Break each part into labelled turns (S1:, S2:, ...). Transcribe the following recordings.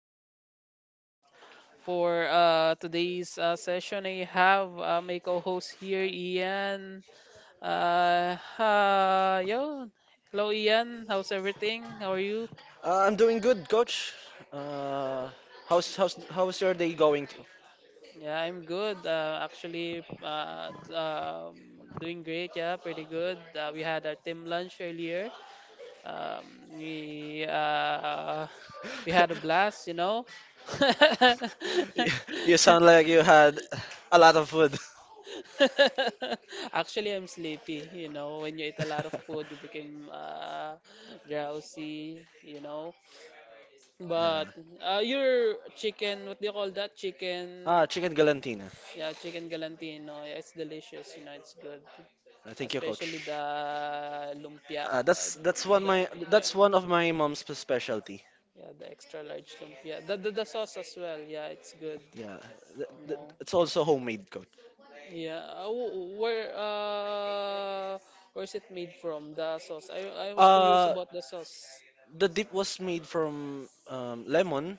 S1: Jerome, your host for today's session. I have my co-host here, Ian. Yo, hello Ian, how's everything? How are you?
S2: I'm doing good, coach. Uh, how's your day going? To?
S1: Yeah, I'm good. Doing great. Yeah, pretty good. We had our team lunch earlier. Um, we uh, we had a blast.
S2: You you sound like you had a lot of food.
S1: Actually, I'm sleepy. You know, when you eat a lot of food, you become drowsy. You know,
S2: Yeah.
S1: but your chicken, what do you call that? Chicken,
S2: Ah, chicken galantina.
S1: yeah, chicken galantino. Yeah, it's delicious. You know, it's good,
S2: Thank you,
S1: especially
S2: coach.
S1: the lumpia,
S2: Uh, that's that's one
S1: the,
S2: my
S1: the
S2: that's one of my mom's specialty.
S1: yeah, the extra large lumpia. The sauce as well. Yeah, it's good.
S2: Yeah,
S1: No.
S2: it's also homemade, coach.
S1: Yeah. Where where's it made from? The sauce. I was curious
S2: Uh,
S1: about the sauce.
S2: the dip was made from lemon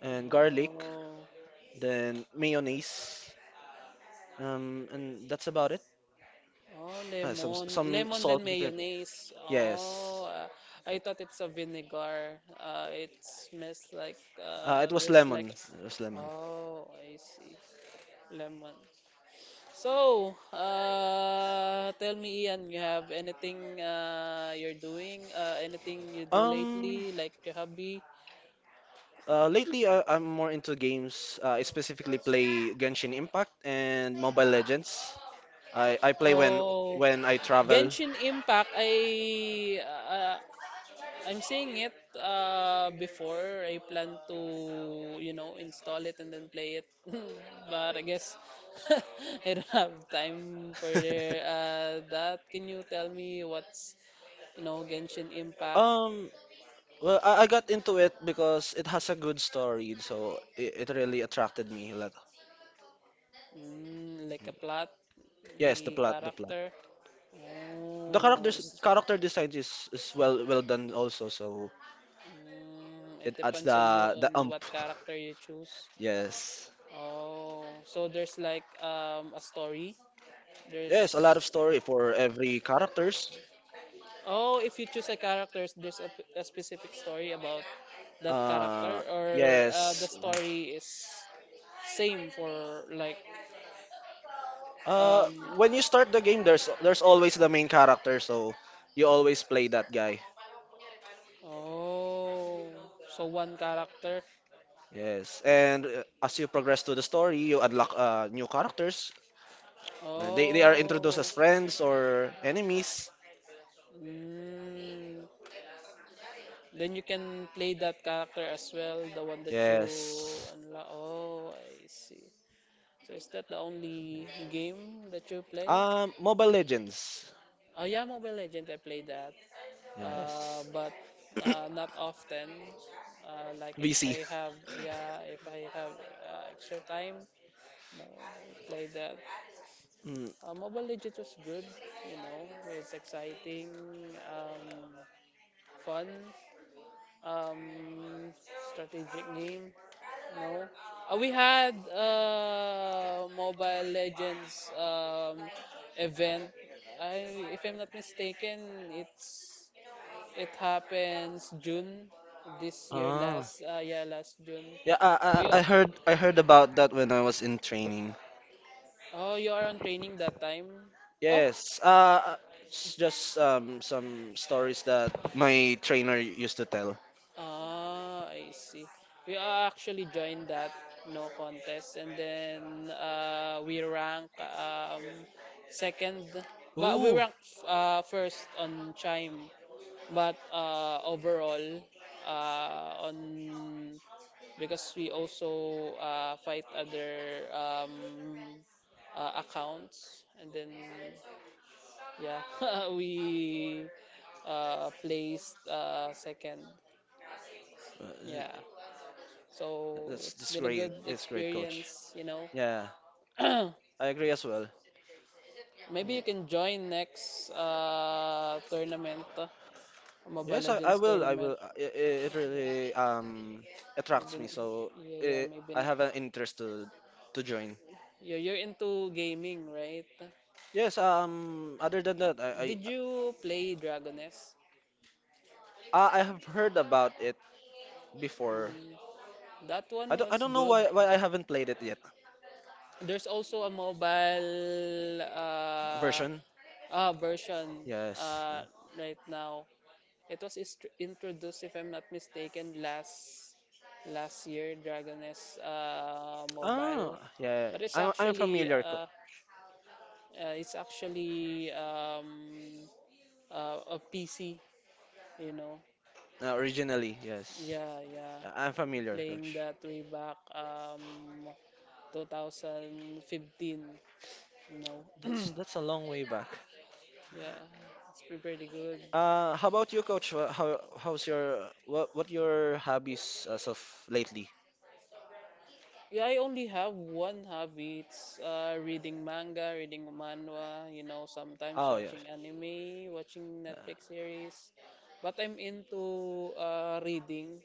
S2: and garlic, then mayonnaise, and that's about it.
S1: Oh,
S2: Uh, some
S1: lemon.
S2: some
S1: Lemon then
S2: salt and pepper.
S1: mayonnaise. Oh,
S2: Yes.
S1: I thought it's a vinegar. It smells like
S2: It was
S1: there's like
S2: Lemon.
S1: a.
S2: It was Lemon.
S1: Oh, I see. Lemon. So, tell me, Ian, you have anything you're doing? Anything you do
S2: Um,
S1: lately, like your hobby?
S2: Lately, I'm more into games. I specifically play Genshin Impact and Mobile Legends. I play
S1: Oh,
S2: when I travel.
S1: Genshin Impact, I'm seeing it before. I plan to, you know, install it and then play it. But I guess I don't have time for that. Can you tell me what's, you know, Genshin Impact?
S2: Um, well, I got into it because it has a good story, so it really attracted me a lot.
S1: Mm, like a plot,
S2: Yes, the
S1: the
S2: plot, the plot.
S1: character.
S2: The
S1: Oh,
S2: characters'
S1: s-
S2: character design is well well done also, so
S1: mm, it
S2: it adds
S1: depends on you on
S2: the ump.
S1: what character you choose.
S2: Yes.
S1: Oh, so there's like a story. There's
S2: Yes, a lot of story for every characters.
S1: oh, if you choose a character, there's a specific story about that
S2: Uh,
S1: character, or the
S2: yes.
S1: story is same for like
S2: Uh,
S1: um
S2: when you start the game, there's always the main character, so you always play that guy.
S1: oh, so one character.
S2: Yes, and as you progress to the story, you unlock new characters. They are introduced
S1: Oh,
S2: as friends or enemies.
S1: mm, then you can play that character as well, the one that you
S2: Yes.
S1: unlock. Oh, I see. So is that the only game that you play?
S2: Mobile Legends.
S1: Yeah, Mobile Legends, I play that. Uh,
S2: Yes.
S1: but not often. Like if
S2: VC.
S1: I have, yeah, if I have extra time, no, I play that.
S2: Mm.
S1: Mobile Legends was good, you know, it's exciting, um, fun, um, strategic game, no. We had Mobile Legends event. I, if I'm not mistaken, it's it happens June this year,
S2: Ah.
S1: last yeah, last June.
S2: Yeah, I,
S1: We
S2: I I
S1: are,
S2: heard I heard about that when I was in training.
S1: oh, you are on training that time. Oh,
S2: Yes. It's just some stories that my trainer used to tell.
S1: ah, I see. We are actually joined that no contest, and then we rank second, but we
S2: Ooh.
S1: rank first on chime. But overall, on because we also fight other accounts and then yeah we placed second yeah,
S2: Uh,
S1: so
S2: That's
S1: it's been a good
S2: this great, coach.
S1: experience, you know.
S2: Yeah, I agree as well.
S1: Maybe
S2: Mm,
S1: you can join next tournament, mobile
S2: Yes,
S1: legends
S2: I
S1: tournament.
S2: will. It
S1: Yeah,
S2: really
S1: maybe
S2: attracts me, so
S1: yeah, maybe
S2: I
S1: ne-
S2: have an interest to join.
S1: you're into gaming, right?
S2: Yes. Other than that,
S1: Did you play dragoness?
S2: I have heard about it before.
S1: Mm. That one
S2: I
S1: was
S2: don't know
S1: good.
S2: why I haven't played it yet.
S1: There's also a mobile
S2: Version.
S1: version
S2: Yes.
S1: uh, right now. It was ist- introduced, if I'm not mistaken, last last year, Dragon S
S2: Oh,
S1: mobile.
S2: yeah. Yeah.
S1: But
S2: I'm familiar,
S1: it's actually a PC, you know.
S2: originally. Yes,
S1: Yeah, yeah.
S2: I'm familiar,
S1: Playing
S2: coach.
S1: that way back 2015, you know.
S2: That's a long way back.
S1: Yeah, it's pre- pretty good.
S2: How about you, coach? Wha- How how's your what your hobbies as of lately?
S1: Yeah, I only have one hobby. It's reading manga, reading manhwa, you know, sometimes
S2: Oh yeah.
S1: watching anime, watching
S2: Uh,
S1: Netflix series. But I'm into reading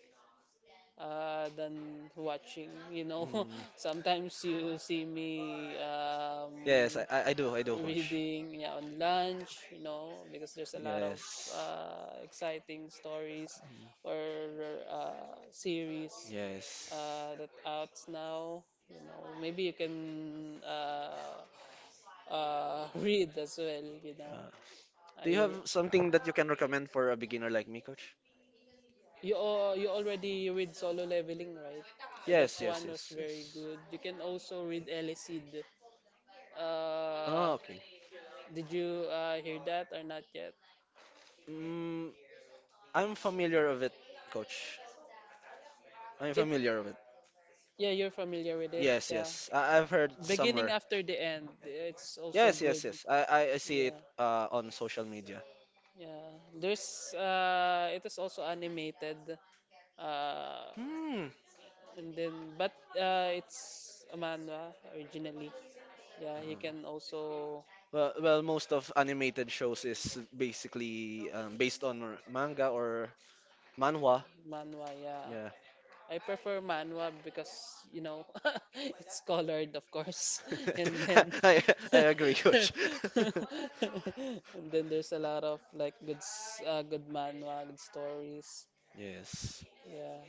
S1: than watching, you know.
S2: mm,
S1: Sometimes you see me
S2: yes, I do, coach.
S1: reading yeah, on lunch, you know, because there's a lot of
S2: Yes.
S1: exciting stories
S2: Mm,
S1: or series
S2: Yes.
S1: that out now. You know, maybe you can read as well. You know,
S2: Uh,
S1: uh,
S2: do you
S1: you
S2: have something that you can recommend for a beginner like me, coach?
S1: you already read solo leveling, right? That
S2: Yes, yes,
S1: one was
S2: yes,
S1: very
S2: yes.
S1: good. You can also read Elicid.
S2: Oh,
S1: Uh,
S2: okay.
S1: did you hear that or not yet?
S2: Mm, I'm familiar of it, coach. I'm
S1: It
S2: familiar with it.
S1: yeah, you're familiar with it.
S2: Yes,
S1: Yeah,
S2: yes. I I've heard
S1: beginning
S2: somewhere.
S1: after the end. It's also
S2: Yes,
S1: good.
S2: yes, yes. I see it
S1: Yeah,
S2: on social media.
S1: yeah. There's it is also animated. Uh,
S2: Hmm.
S1: and then but it's a manhwa originally. Yeah, you
S2: Uh,
S1: can also
S2: well, most of animated shows is basically based on manga or manhwa.
S1: manhwa. Yeah,
S2: Yeah.
S1: I prefer manhwa because you know it's colored, of course, and then
S2: I I agree, Kush.
S1: and then there's a lot of like good s- good manhwa, good stories.
S2: Yes.
S1: Yeah.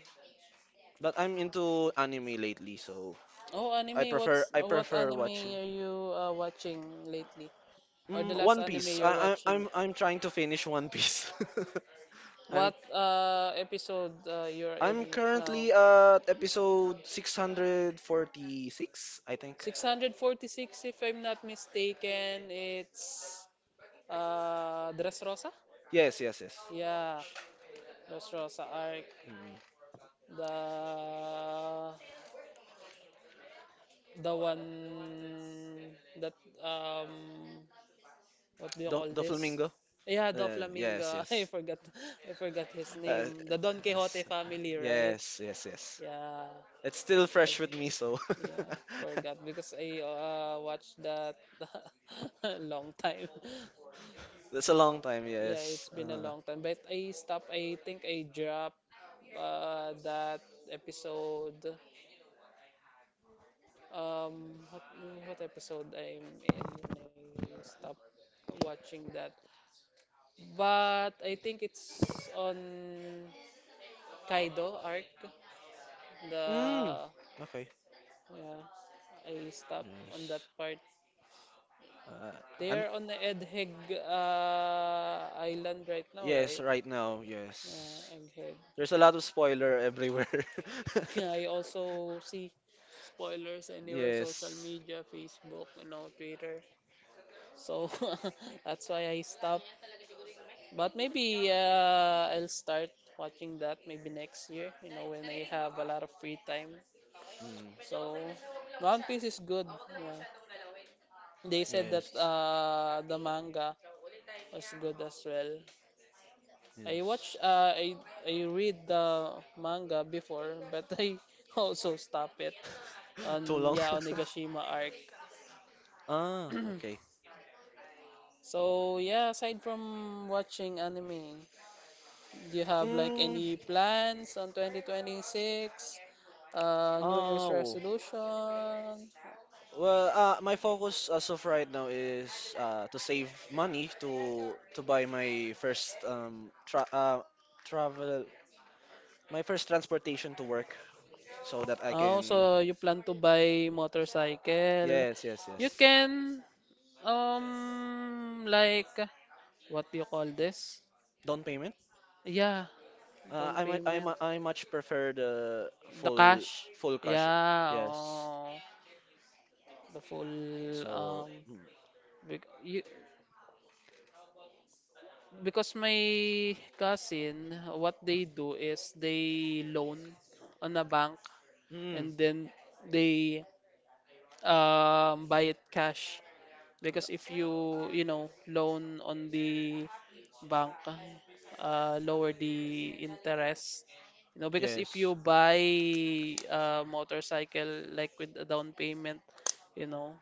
S2: But I'm into anime lately, so
S1: Oh, anime. What's
S2: I
S1: what
S2: prefer
S1: anime
S2: watching.
S1: are you watching lately, or the
S2: Mm,
S1: last
S2: One
S1: anime
S2: Piece.
S1: you're watching?
S2: I'm trying to finish One Piece. I'm
S1: What episode you're
S2: I'm
S1: in now?
S2: currently at episode 646, I think.
S1: 646, if I'm not mistaken, it's Dress Rosa.
S2: Yes, yes, yes.
S1: Yeah, Dress Rosa arc.
S2: Mm.
S1: The the one that um what do you call
S2: The
S1: this?
S2: flamingo.
S1: Yeah, the
S2: Yes,
S1: Flamingo.
S2: yes.
S1: I forgot his
S2: Uh,
S1: name. The Don Quixote
S2: yes.
S1: family, right?
S2: Yes, yes, yes.
S1: Yeah.
S2: It's still
S1: I
S2: fresh with me,
S1: for-
S2: so
S1: yeah, forgot because I watched that a long time.
S2: that's a long time.
S1: Yeah, it's
S2: Yes.
S1: been a long time. But I stopped, I think I dropped that episode. Um, what, what episode I'm in when I stopped watching that? But I think it's on Kaido arc.
S2: Mm,
S1: The
S2: okay.
S1: yeah, I stopped on that
S2: Yes.
S1: part.
S2: Uh,
S1: They
S2: I'm.
S1: are on the Egghead Island right now,
S2: Yes,
S1: right?
S2: right now. Yes.
S1: Egghead.
S2: There's a lot of spoiler everywhere.
S1: I also see spoilers anywhere, social
S2: yes.
S1: media, Facebook, you know, Twitter. So that's why I stopped. But maybe I'll start watching that maybe next year, you know, when I have a lot of free time.
S2: Mm,
S1: So One Piece is good. Yeah. They said that
S2: yes.
S1: the manga was good as well. I watch
S2: Yes.
S1: I read the manga before, but I also stop it
S2: Too
S1: on
S2: long.
S1: yeah on Nagashima arc.
S2: Ah, okay.
S1: So yeah, aside from watching anime, do you have like
S2: Mm,
S1: any plans on 2026? New Year's
S2: oh.
S1: resolution?
S2: Well, my focus as of right now is to save money to buy my first tra travel my first transportation to work so that I
S1: Oh,
S2: can
S1: so you plan to buy motorcycle?
S2: yes yes
S1: You
S2: yes
S1: can like what do you call this?
S2: down payment.
S1: Yeah, down
S2: I might I
S1: payment.
S2: mu- I much prefer the
S1: The
S2: full
S1: cash.
S2: full cash.
S1: Yeah,
S2: Yes.
S1: oh, the full
S2: So mm,
S1: big, you, because my cousin, what they do is they loan on a bank
S2: mm,
S1: and then they buy it cash.
S2: yeah.
S1: Because if you, you know, loan on the bank, lower the interest. You know, because if
S2: Yes.
S1: you buy a motorcycle like with a down payment, you know,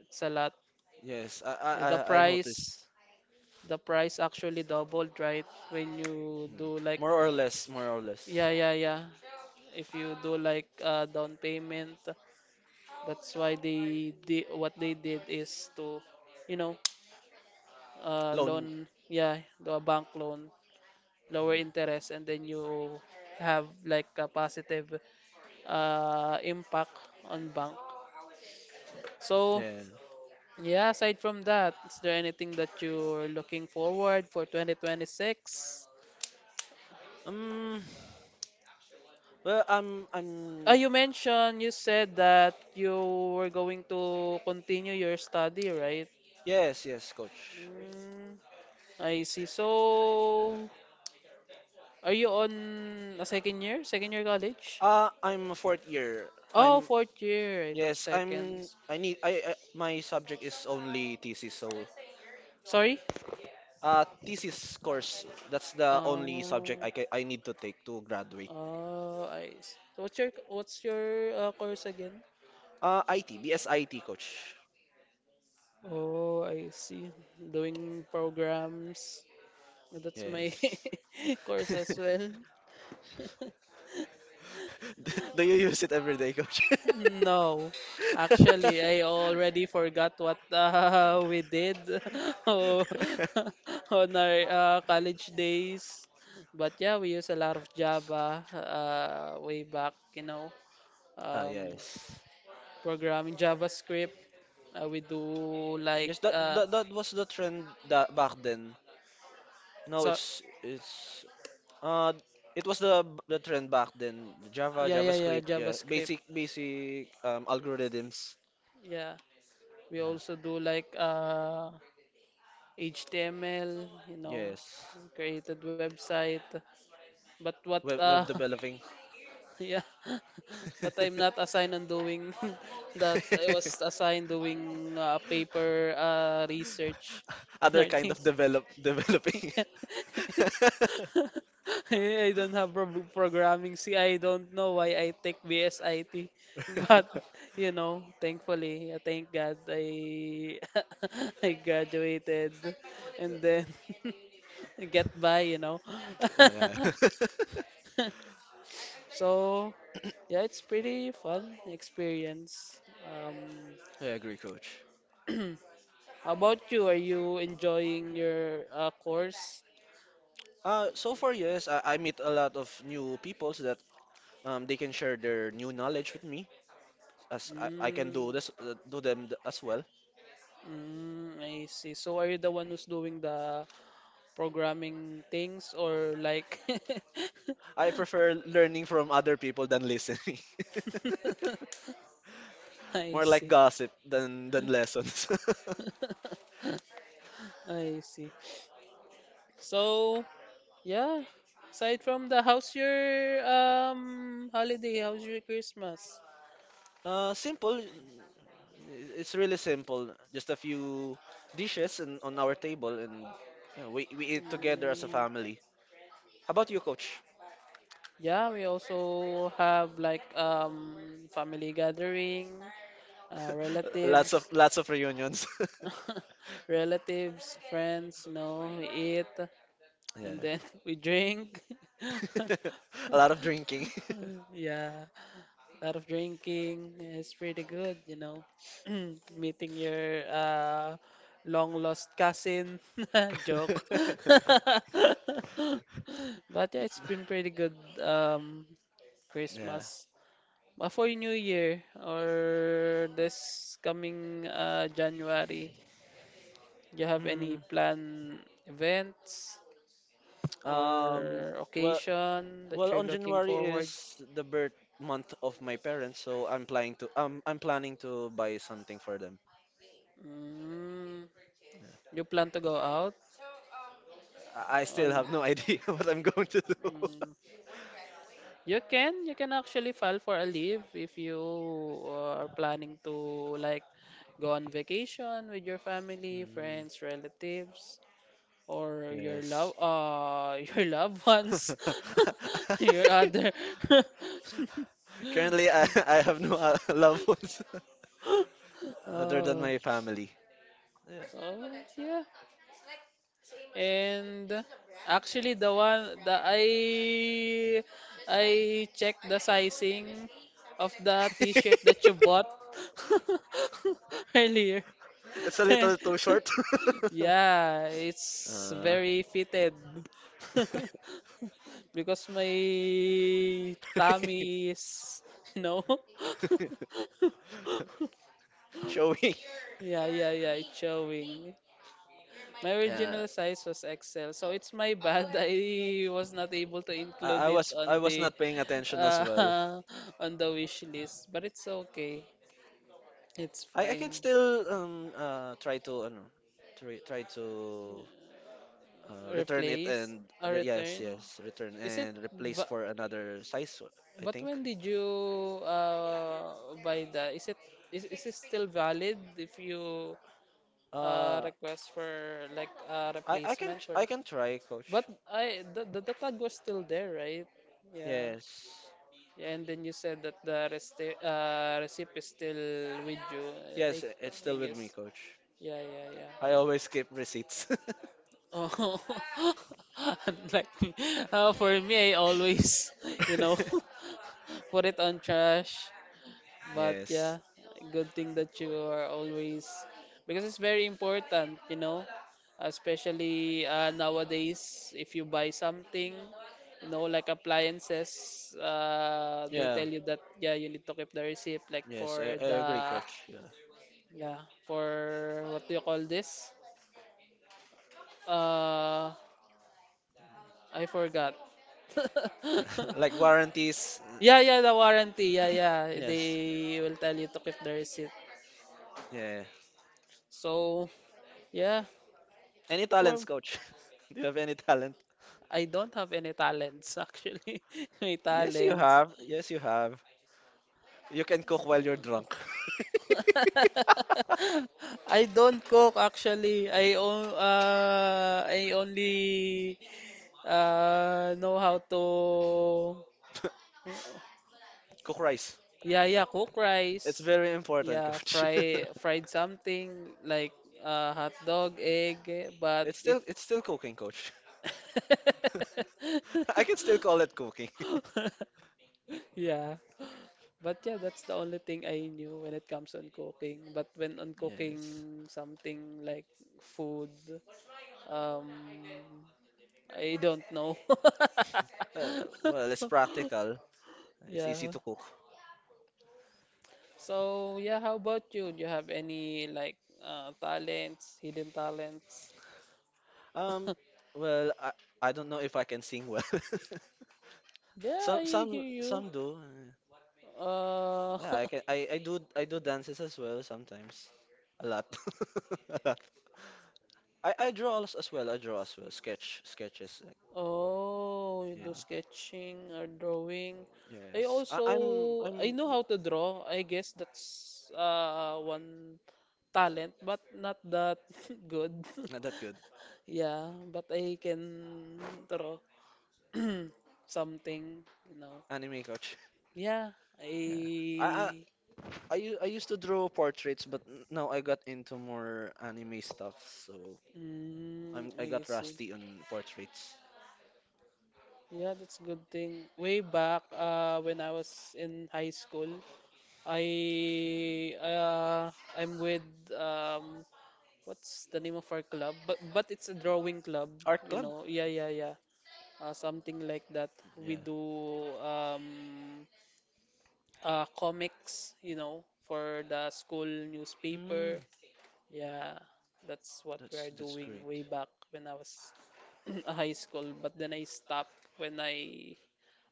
S1: it's a lot.
S2: Yes.
S1: The
S2: I
S1: price,
S2: noticed.
S1: the price actually doubled, right? When you
S2: Mm.
S1: do like
S2: More or less, more or less.
S1: yeah, yeah, yeah. If you do like down payment, that's why they did what they did is to, you know,
S2: Loan.
S1: loan. Yeah, do a bank loan, lower
S2: Mm.
S1: interest, and then you have like a positive impact on bank. So
S2: Yeah.
S1: yeah, aside from that, is there anything that you're looking forward for 2026?
S2: Um.
S1: Ah,
S2: I'm.
S1: you mentioned you said that you were going to continue your study, right?
S2: Yes, yes, coach.
S1: Mm, I see. So, are you on a second year? Second year college?
S2: I'm a 4th year.
S1: Oh,
S2: I'm.
S1: fourth year. I thought
S2: Yes,
S1: second.
S2: I'm. I need. I. My subject is only thesis, so.
S1: Sorry?
S2: Thesis course. That's the only
S1: Oh,
S2: subject I need to take to graduate.
S1: oh, I see. So what's your course again?
S2: IT, BSIT, coach.
S1: Oh, I see. Doing programs. That's my
S2: Yes.
S1: course as well.
S2: Do do you use it every day, coach?
S1: No, actually, I already forgot what we did oh, on our college days. But yeah, we use a lot of Java way back, you know, um,
S2: Yes.
S1: programming JavaScript. We do like
S2: Yes, that was the trend that back then. Now
S1: so
S2: it's uh it was the trend back then. Java,
S1: yeah, yeah, yeah,
S2: JavaScript, yeah,
S1: JavaScript.
S2: basic algorithms.
S1: Yeah, we also do like HTML, you know,
S2: Yes,
S1: created website. But what
S2: web developing,
S1: yeah, but I'm not assigned on doing that. I was assigned doing paper research on
S2: other
S1: our
S2: kind of
S1: things.
S2: developing.
S1: Yes. I don't have pro- programming. See, I don't know why I take BSIT, but you know, thankfully, thank God, I I graduated, and then get by, you know.
S2: Yeah.
S1: So yeah, it's pretty fun experience. Um,
S2: I agree, coach.
S1: how about you? Are you enjoying your course?
S2: So far, yes, I meet a lot of new peoples that they can share their new knowledge with me. As I can do
S1: Mm,
S2: this do them as well.
S1: mm, I see. So are you the one who's doing the programming things or like?
S2: I prefer learning from other people than listening.
S1: I
S2: More like
S1: see.
S2: gossip than lessons.
S1: I see. So yeah, aside from the how's your holiday? How's your Christmas?
S2: Simple. It's really simple. Just a few dishes and on our table, and yeah, we eat together as a
S1: Mm,
S2: family. How about you, Coach?
S1: yeah, we also have like family gathering, relatives,
S2: Lots of reunions.
S1: relatives, friends, you know, we eat and
S2: yeah,
S1: then we drink.
S2: a lot of drinking.
S1: Yeah, a lot of drinking. It's pretty good, you know. Meeting your long lost cousin. Joke. But yeah, it's been pretty good um
S2: yeah.
S1: Christmas. For New Year or this coming January, do you have any
S2: Hmm.
S1: plan events
S2: Um.
S1: or
S2: Well,
S1: occasion that
S2: Well,
S1: you're
S2: on
S1: looking
S2: January
S1: forward?
S2: is the birth month of my parents, so I'm planning to buy something for them.
S1: Mm, you plan to go out?
S2: I
S1: Or
S2: still
S1: no?
S2: have no idea what I'm going to do.
S1: Mm, you can actually file for a leave if you are planning to like go on vacation with your family,
S2: Mm,
S1: friends, relatives, or your
S2: yes.
S1: love your loved ones your other
S2: Currently, I have no loved ones other than
S1: oh,
S2: my family. Yeah.
S1: so yeah, and actually the I checked the sizing of the t-shirt that you bought earlier.
S2: It's a little too short.
S1: Yeah, it's
S2: uh,
S1: very fitted. Because my tummy is, you know.
S2: showing.
S1: Yeah, yeah, yeah, it's showing. My
S2: Yeah,
S1: original size was XL, so it's my bad. I was not able to include it
S2: I
S1: on
S2: was
S1: the
S2: not paying attention as well.
S1: uh, on the wish list, but it's okay. It's
S2: I can
S1: fine.
S2: still try to return it
S1: Replace
S2: and
S1: or
S2: yes
S1: return.
S2: yes return
S1: Is it
S2: and replace
S1: va-
S2: for another size I
S1: but
S2: think.
S1: when did you buy that? Is it is it still valid if you
S2: Uh
S1: request for like a replacement for
S2: I
S1: the?
S2: can try,
S1: But
S2: coach.
S1: the tag was still there, right? Yeah.
S2: Yes.
S1: Yeah, and then you said that the rest receipt is still with you.
S2: Yes,
S1: I,
S2: it's
S1: I
S2: still with me,
S1: guess.
S2: coach.
S1: Yeah, yeah, yeah.
S2: I always keep receipts.
S1: Oh, unlike me. For me, I always, you know, put it on trash. But
S2: Yes.
S1: yeah, good thing that you are always because it's very important, you know, especially nowadays if you buy something, you know, like appliances, they
S2: Yeah.
S1: tell you that yeah, you need to keep the receipt like
S2: Yes,
S1: for
S2: I agree,
S1: the
S2: coach. Yeah.
S1: yeah, for what do you call this? Uh, I forgot.
S2: Like warranties.
S1: Yeah, yeah, the warranty. Yeah, yeah.
S2: Yes.
S1: They will tell you to keep the receipt.
S2: Yeah.
S1: So, yeah.
S2: Any
S1: For
S2: talents coach? Do you have any talents?
S1: I don't have any talents actually. My
S2: Yes, you
S1: talents.
S2: have. Yes, you have. You can cook while you're drunk.
S1: I don't cook actually. I on I only know how to
S2: Cook rice.
S1: yeah yeah cook
S2: It's
S1: rice.
S2: very important,
S1: Yeah,
S2: coach.
S1: fry fried something like hot dog, egg, eh, but
S2: It's still cooking, coach. I can still call it cooking.
S1: yeah. But yeah, that's the only thing I knew when it comes on cooking. But when on
S2: Yes.
S1: cooking something like food, um, I don't know.
S2: Uh, well, it's practical. It's easy
S1: Yeah.
S2: to cook.
S1: So yeah, how about you? Do you have any like talents, hidden talents?
S2: Um, well, I don't know if I can sing well.
S1: Yeah,
S2: Some
S1: I hear you.
S2: some do.
S1: Uh,
S2: Yeah, I can I do dances as well sometimes. A lot. I draw as well. I draw as well. Sketch sketches. Like,
S1: Oh, you do
S2: yeah.
S1: sketching or drawing.
S2: Yes. I, I'm
S1: I know
S2: y-
S1: how to draw. I guess that's one talent, but not that good.
S2: Not that good.
S1: Yeah, but I can draw something, you know.
S2: Anime coach.
S1: Yeah,
S2: Yeah. I, I
S1: I
S2: I used to draw portraits, but now I got into more anime stuff. So
S1: mm,
S2: I
S1: I
S2: got
S1: see.
S2: rusty on portraits.
S1: Yeah, that's a good thing. Way back when I was in high school, I uh I'm with um what's the name of our club? But it's a drawing club,
S2: Art
S1: you
S2: club.
S1: know. Yeah, yeah, yeah. Something like that. We
S2: Yeah.
S1: do um comics, you know, for the school newspaper.
S2: Hmm.
S1: Yeah, that's what we are
S2: That's
S1: doing way
S2: great.
S1: back when I was a high school, but then I stopped when I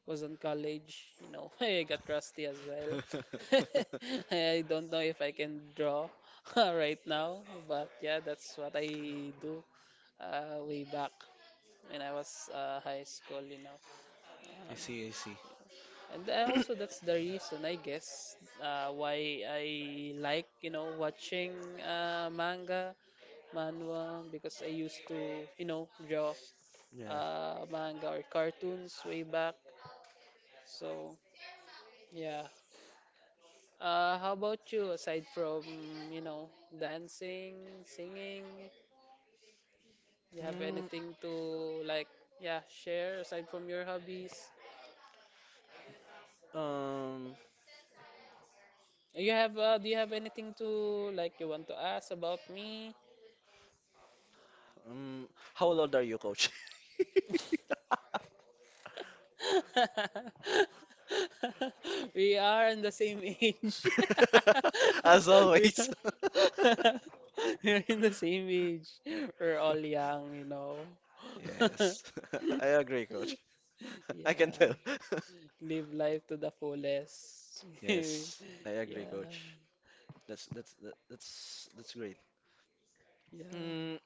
S1: was in college, you know, I got rusty as well. I don't know if I can draw right now, but yeah, that's what I do way back when I was high school, you know.
S2: I
S1: Um,
S2: see. I see.
S1: and I also that's the reason, I guess, why I like, you know, watching manga, manhwa, because I used to, you know, draw
S2: Yeah.
S1: manga or cartoons way back. So yeah, how about you? Aside from, you know, dancing, singing, you have
S2: Mm,
S1: anything to like, yeah, share aside from your hobbies?
S2: um,
S1: You have, do you have anything to like you want to ask about me?
S2: how old are you, coach?
S1: We are in the same age.
S2: As
S1: We
S2: always.
S1: are, we're in the same age. We're all young, you know.
S2: Yes, I agree, coach. I can tell.
S1: Yeah. Live life to the fullest. yeah,
S2: Yes, I agree,
S1: yeah.
S2: coach. That's that's great. Mm,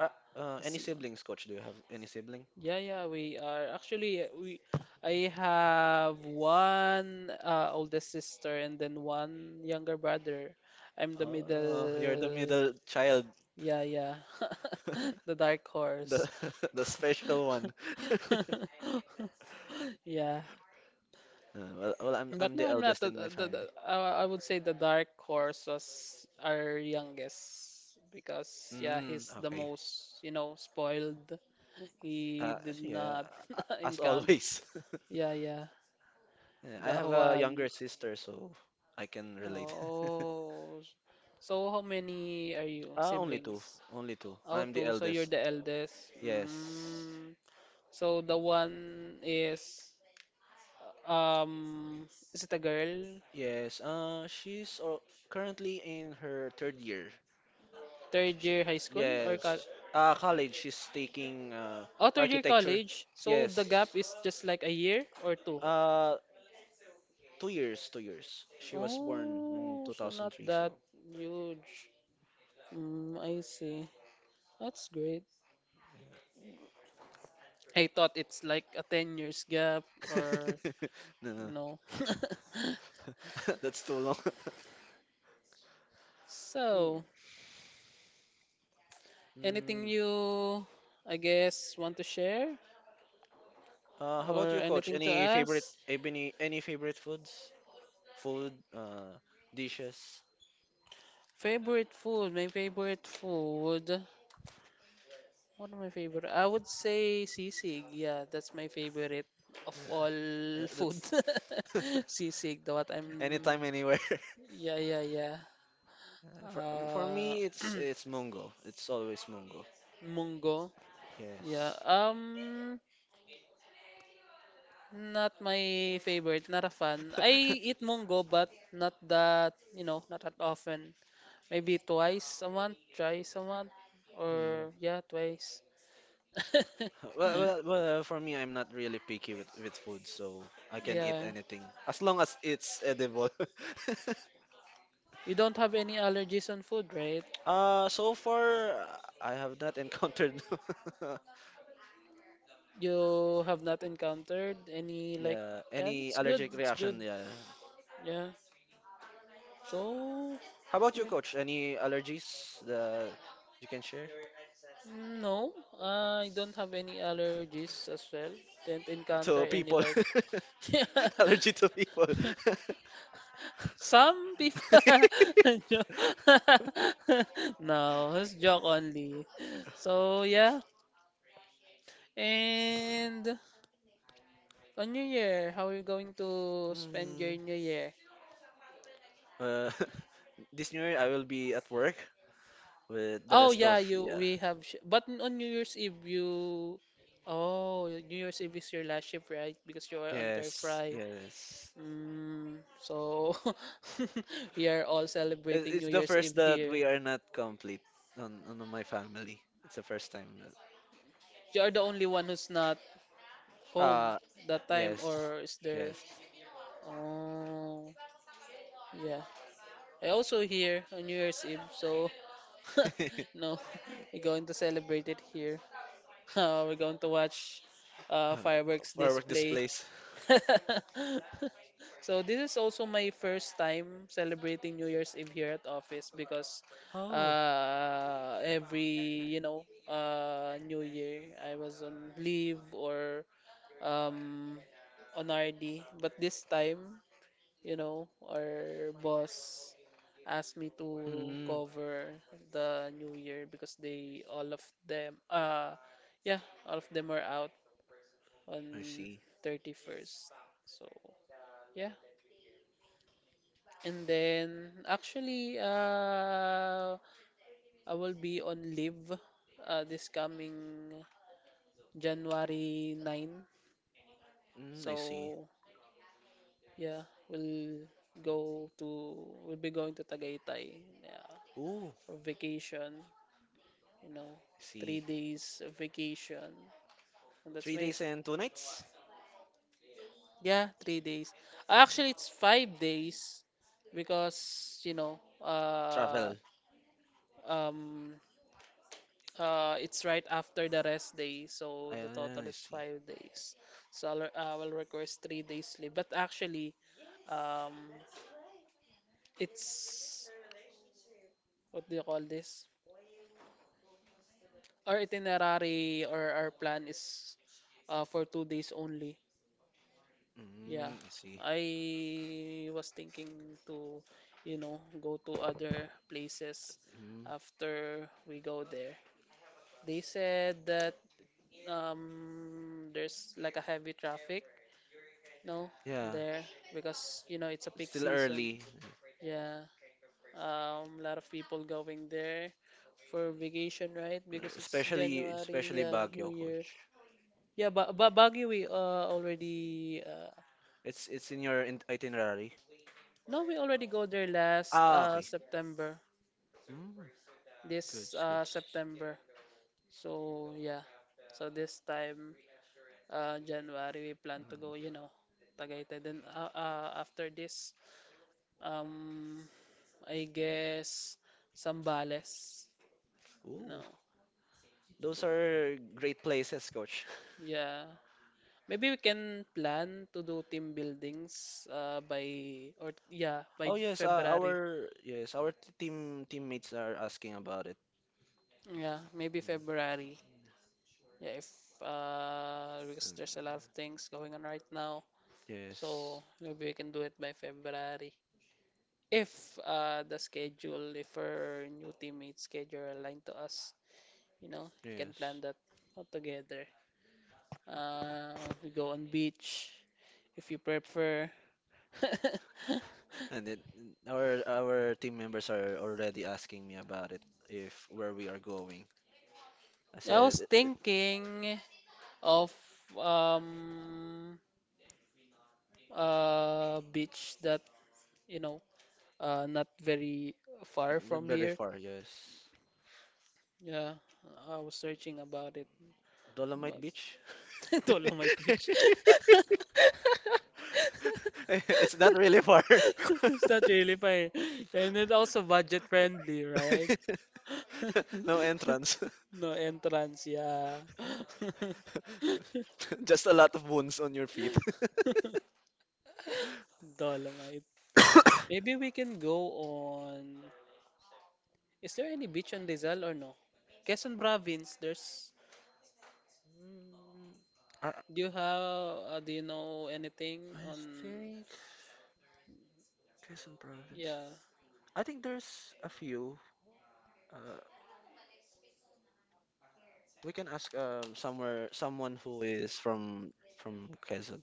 S2: uh,
S1: As-
S2: any siblings, coach? Do you have any sibling?
S1: Yeah, yeah, we are. Actually, we I have one oldest sister and then one younger brother. I'm the
S2: Oh, you're the
S1: middle.
S2: middle child,
S1: Yeah, yeah. The dark
S2: the
S1: horse.
S2: the special one.
S1: Yeah.
S2: Well,
S1: But
S2: I'm
S1: no,
S2: the
S1: I'm not.
S2: eldest in my family.
S1: I would say the dark horse was our youngest because yeah,
S2: Mm,
S1: he's the
S2: okay.
S1: most, you know, spoiled. He
S2: Uh,
S1: did
S2: yeah,
S1: not
S2: a- as
S1: encounter.
S2: always.
S1: Yeah, yeah,
S2: Yeah, I
S1: the
S2: have a younger
S1: one.
S2: sister, so I can relate.
S1: Oh, so how many are you
S2: Uh, only two,
S1: siblings?
S2: Only two.
S1: Oh,
S2: I'm the
S1: two. So you're
S2: eldest.
S1: the eldest.
S2: Yes.
S1: Mm. So the one um, is it a girl?
S2: Yes. Currently in her 3rd year.
S1: Third
S2: Sh-
S1: year high school or co
S2: yes. College. She's taking
S1: Oh, third year
S2: architecture.
S1: college. So the
S2: Yes.
S1: gap is just like a year or two.
S2: Uh, 2 years. She was born in
S1: Oh, so not
S2: 2003.
S1: that
S2: So.
S1: huge. Mm, I see. That's great. I thought it's like a 10 years gap or,
S2: No,
S1: you
S2: no.
S1: know.
S2: That's too long. Mm.
S1: So, anything
S2: Mm.
S1: you, I guess, want to share
S2: How about
S1: or
S2: you, coach?
S1: anything to
S2: Any favorite,
S1: ask?
S2: any favorite foods? Food, dishes.
S1: Favorite food, my favorite food. One of my favorite, I would say sisig. Yeah, that's my favorite of
S2: Yeah,
S1: all food.
S2: that's.
S1: Sisig, the what I'm.
S2: Anytime, anywhere.
S1: Yeah, yeah, yeah.
S2: For
S1: Uh,
S2: me, it's Mungo. It's always Mungo.
S1: munggo. Yeah.
S2: Yes.
S1: Not my favorite. Not a fan. I eat munggo, but not that you know, not that often. Maybe twice a month, thrice a month,
S2: Hmm.
S1: or yeah, twice.
S2: Well, for me, I'm not really picky with food, so I can eat
S1: Yeah.
S2: anything as long as it's edible.
S1: You don't have any allergies on food, right?
S2: I have not encountered
S1: You have not encountered any like
S2: yeah
S1: yeah,
S2: any
S1: that's good,
S2: allergic
S1: that's good.
S2: reaction. Yeah.
S1: Yeah. So
S2: How about you, coach? Any allergies that you can share
S1: mm, no, I don't have any allergies as well. Didn't encounter
S2: to
S1: any
S2: people?
S1: like Yeah.
S2: Allergy to people.
S1: Some people Jo- No, it's joke only. So yeah. And on New Year, how are you going to spend your
S2: Mm,
S1: New Year?
S2: uh, this new year I will be at work with the
S1: Oh
S2: rest of
S1: yeah, you
S2: yeah.
S1: we have sh but on New Year's Eve you Oh, New Year's Eve is your last shift, right? Because you are on Turf
S2: Yes,
S1: Fry.
S2: yes.
S1: Mm, so we are all
S2: It-
S1: celebrating
S2: It's
S1: New
S2: the
S1: Year's
S2: first
S1: Eve
S2: that
S1: here.
S2: we are not complete on my family. It's the first time. That-
S1: You are the only one who's not home
S2: Uh,
S1: that time
S2: yes,
S1: or is there?
S2: yes.
S1: Oh, yeah. I also here on New Year's Eve, so no, we're going to celebrate it here. We're going to watch
S2: Uh,
S1: fireworks
S2: Firework
S1: display
S2: displays.
S1: So this is also my first time celebrating New Year's Eve here at office because
S2: Oh.
S1: every you know New Year I was on leave or um, on RD, but this time you know our boss asked me to
S2: Mm,
S1: cover the New Year because they all of them yeah all of them are out
S2: I
S1: on
S2: see.
S1: 31st. So. Yeah, and then actually, I will be on leave this coming January 9.
S2: Mm, I see.
S1: So, yeah, we'll go to, we'll be going to Tagaytay. Yeah,
S2: Ooh,
S1: for vacation, you know,
S2: I
S1: three
S2: see.
S1: days of vacation. And that's
S2: Three
S1: my,
S2: days and 2 nights
S1: yeah, 3 days. Actually, it's 5 days because, you know,
S2: travel.
S1: um, it's right after the rest day, so the
S2: Ayan,
S1: total
S2: I
S1: is
S2: see.
S1: 5 days. I will request 3 days sleep. But actually, um, it's what do you call this? Our itinerary or our plan is for 2 days only. Yeah,
S2: Mm, I see.
S1: I was thinking to, you know, go to other places
S2: Mm.
S1: after we go there. They said that there's like a heavy traffic No,
S2: Yeah,
S1: there because you know it's a
S2: it's
S1: peak
S2: still
S1: season.
S2: early,
S1: Yeah, a lot of people going there for vacation, right? Because it's
S2: especially
S1: January,
S2: especially
S1: yeah, New
S2: Baguio,
S1: Year.
S2: coach.
S1: Yeah, Baguio we already
S2: It's in your itinerary.
S1: no, we already go there last
S2: Ah, okay.
S1: September.
S2: Mm, good,
S1: This
S2: good.
S1: September. So yeah, so this time January we plan to go.
S2: Mm.
S1: You know, Tagaytay. Then after this um I guess Sambales.
S2: Ooh,
S1: No.
S2: those are great places, coach.
S1: Yeah. Maybe we can plan to do team buildings by or yeah, by
S2: Oh yes,
S1: February.
S2: team teammates are asking about it.
S1: Yeah, maybe
S2: Mm,
S1: February. Yeah, if because there's
S2: mm,
S1: a lot of things going on right now. So
S2: Yes,
S1: maybe we can do it by February. If the schedule, if our new teammates' schedule aligned to us, you know, you can plan
S2: yes.
S1: that all together. Uh we go on beach if you prefer.
S2: And then mm, our team members are already asking me about it if where we are going. I
S1: I
S2: said
S1: was thinking of um a beach that you know not very far
S2: not
S1: from
S2: very
S1: here.
S2: far, yes.
S1: Yeah, I was searching about it,
S2: Dolomite
S1: but
S2: Beach?
S1: Dolomite Beach.
S2: It's not really far.
S1: It's not really far, and it also budget friendly, right?
S2: No entrance.
S1: No entrance, yeah.
S2: Just a lot of wounds on your feet.
S1: Dolomite. Maybe we can go on. Is there any beach on Rizal or no? Quezon province. There's.
S2: Mm, I,
S1: Do you have? Do you know anything
S2: I
S1: on?
S2: think Quezon province.
S1: Yeah.
S2: I think there's a few. Uh, we can ask somewhere someone who is from Quezon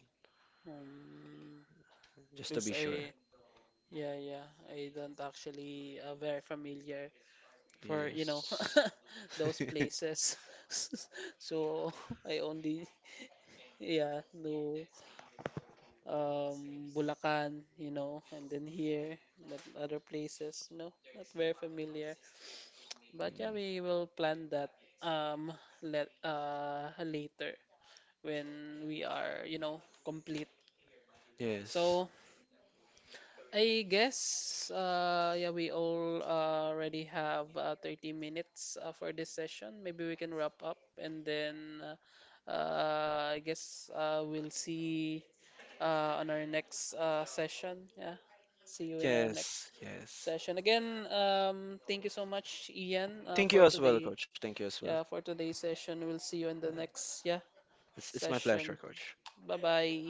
S1: Um.
S2: just to
S1: Because
S2: be sure.
S1: I. Yeah, yeah. I don't actually very familiar for you know
S2: Yes.
S1: those places. So I only yeah know Bulacan, you know, and then here, but other places no, not very familiar. But yeah,
S2: Mm.
S1: we will plan that um let later when we are, you know, complete.
S2: Yes,
S1: So I guess we all already have 30 minutes for this session. Maybe we can wrap up and then I guess we'll see on our next session. Yeah. See you in our next
S2: yes, yes.
S1: session. Again, thank you so much Ian
S2: Thank you
S1: for
S2: as well,
S1: today
S2: coach. Thank you as well.
S1: Yeah, for today's session. We'll see you in the
S2: Um,
S1: next yeah
S2: It's my
S1: session.
S2: pleasure, coach.
S1: Bye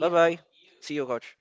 S2: Bye bye. See you, coach.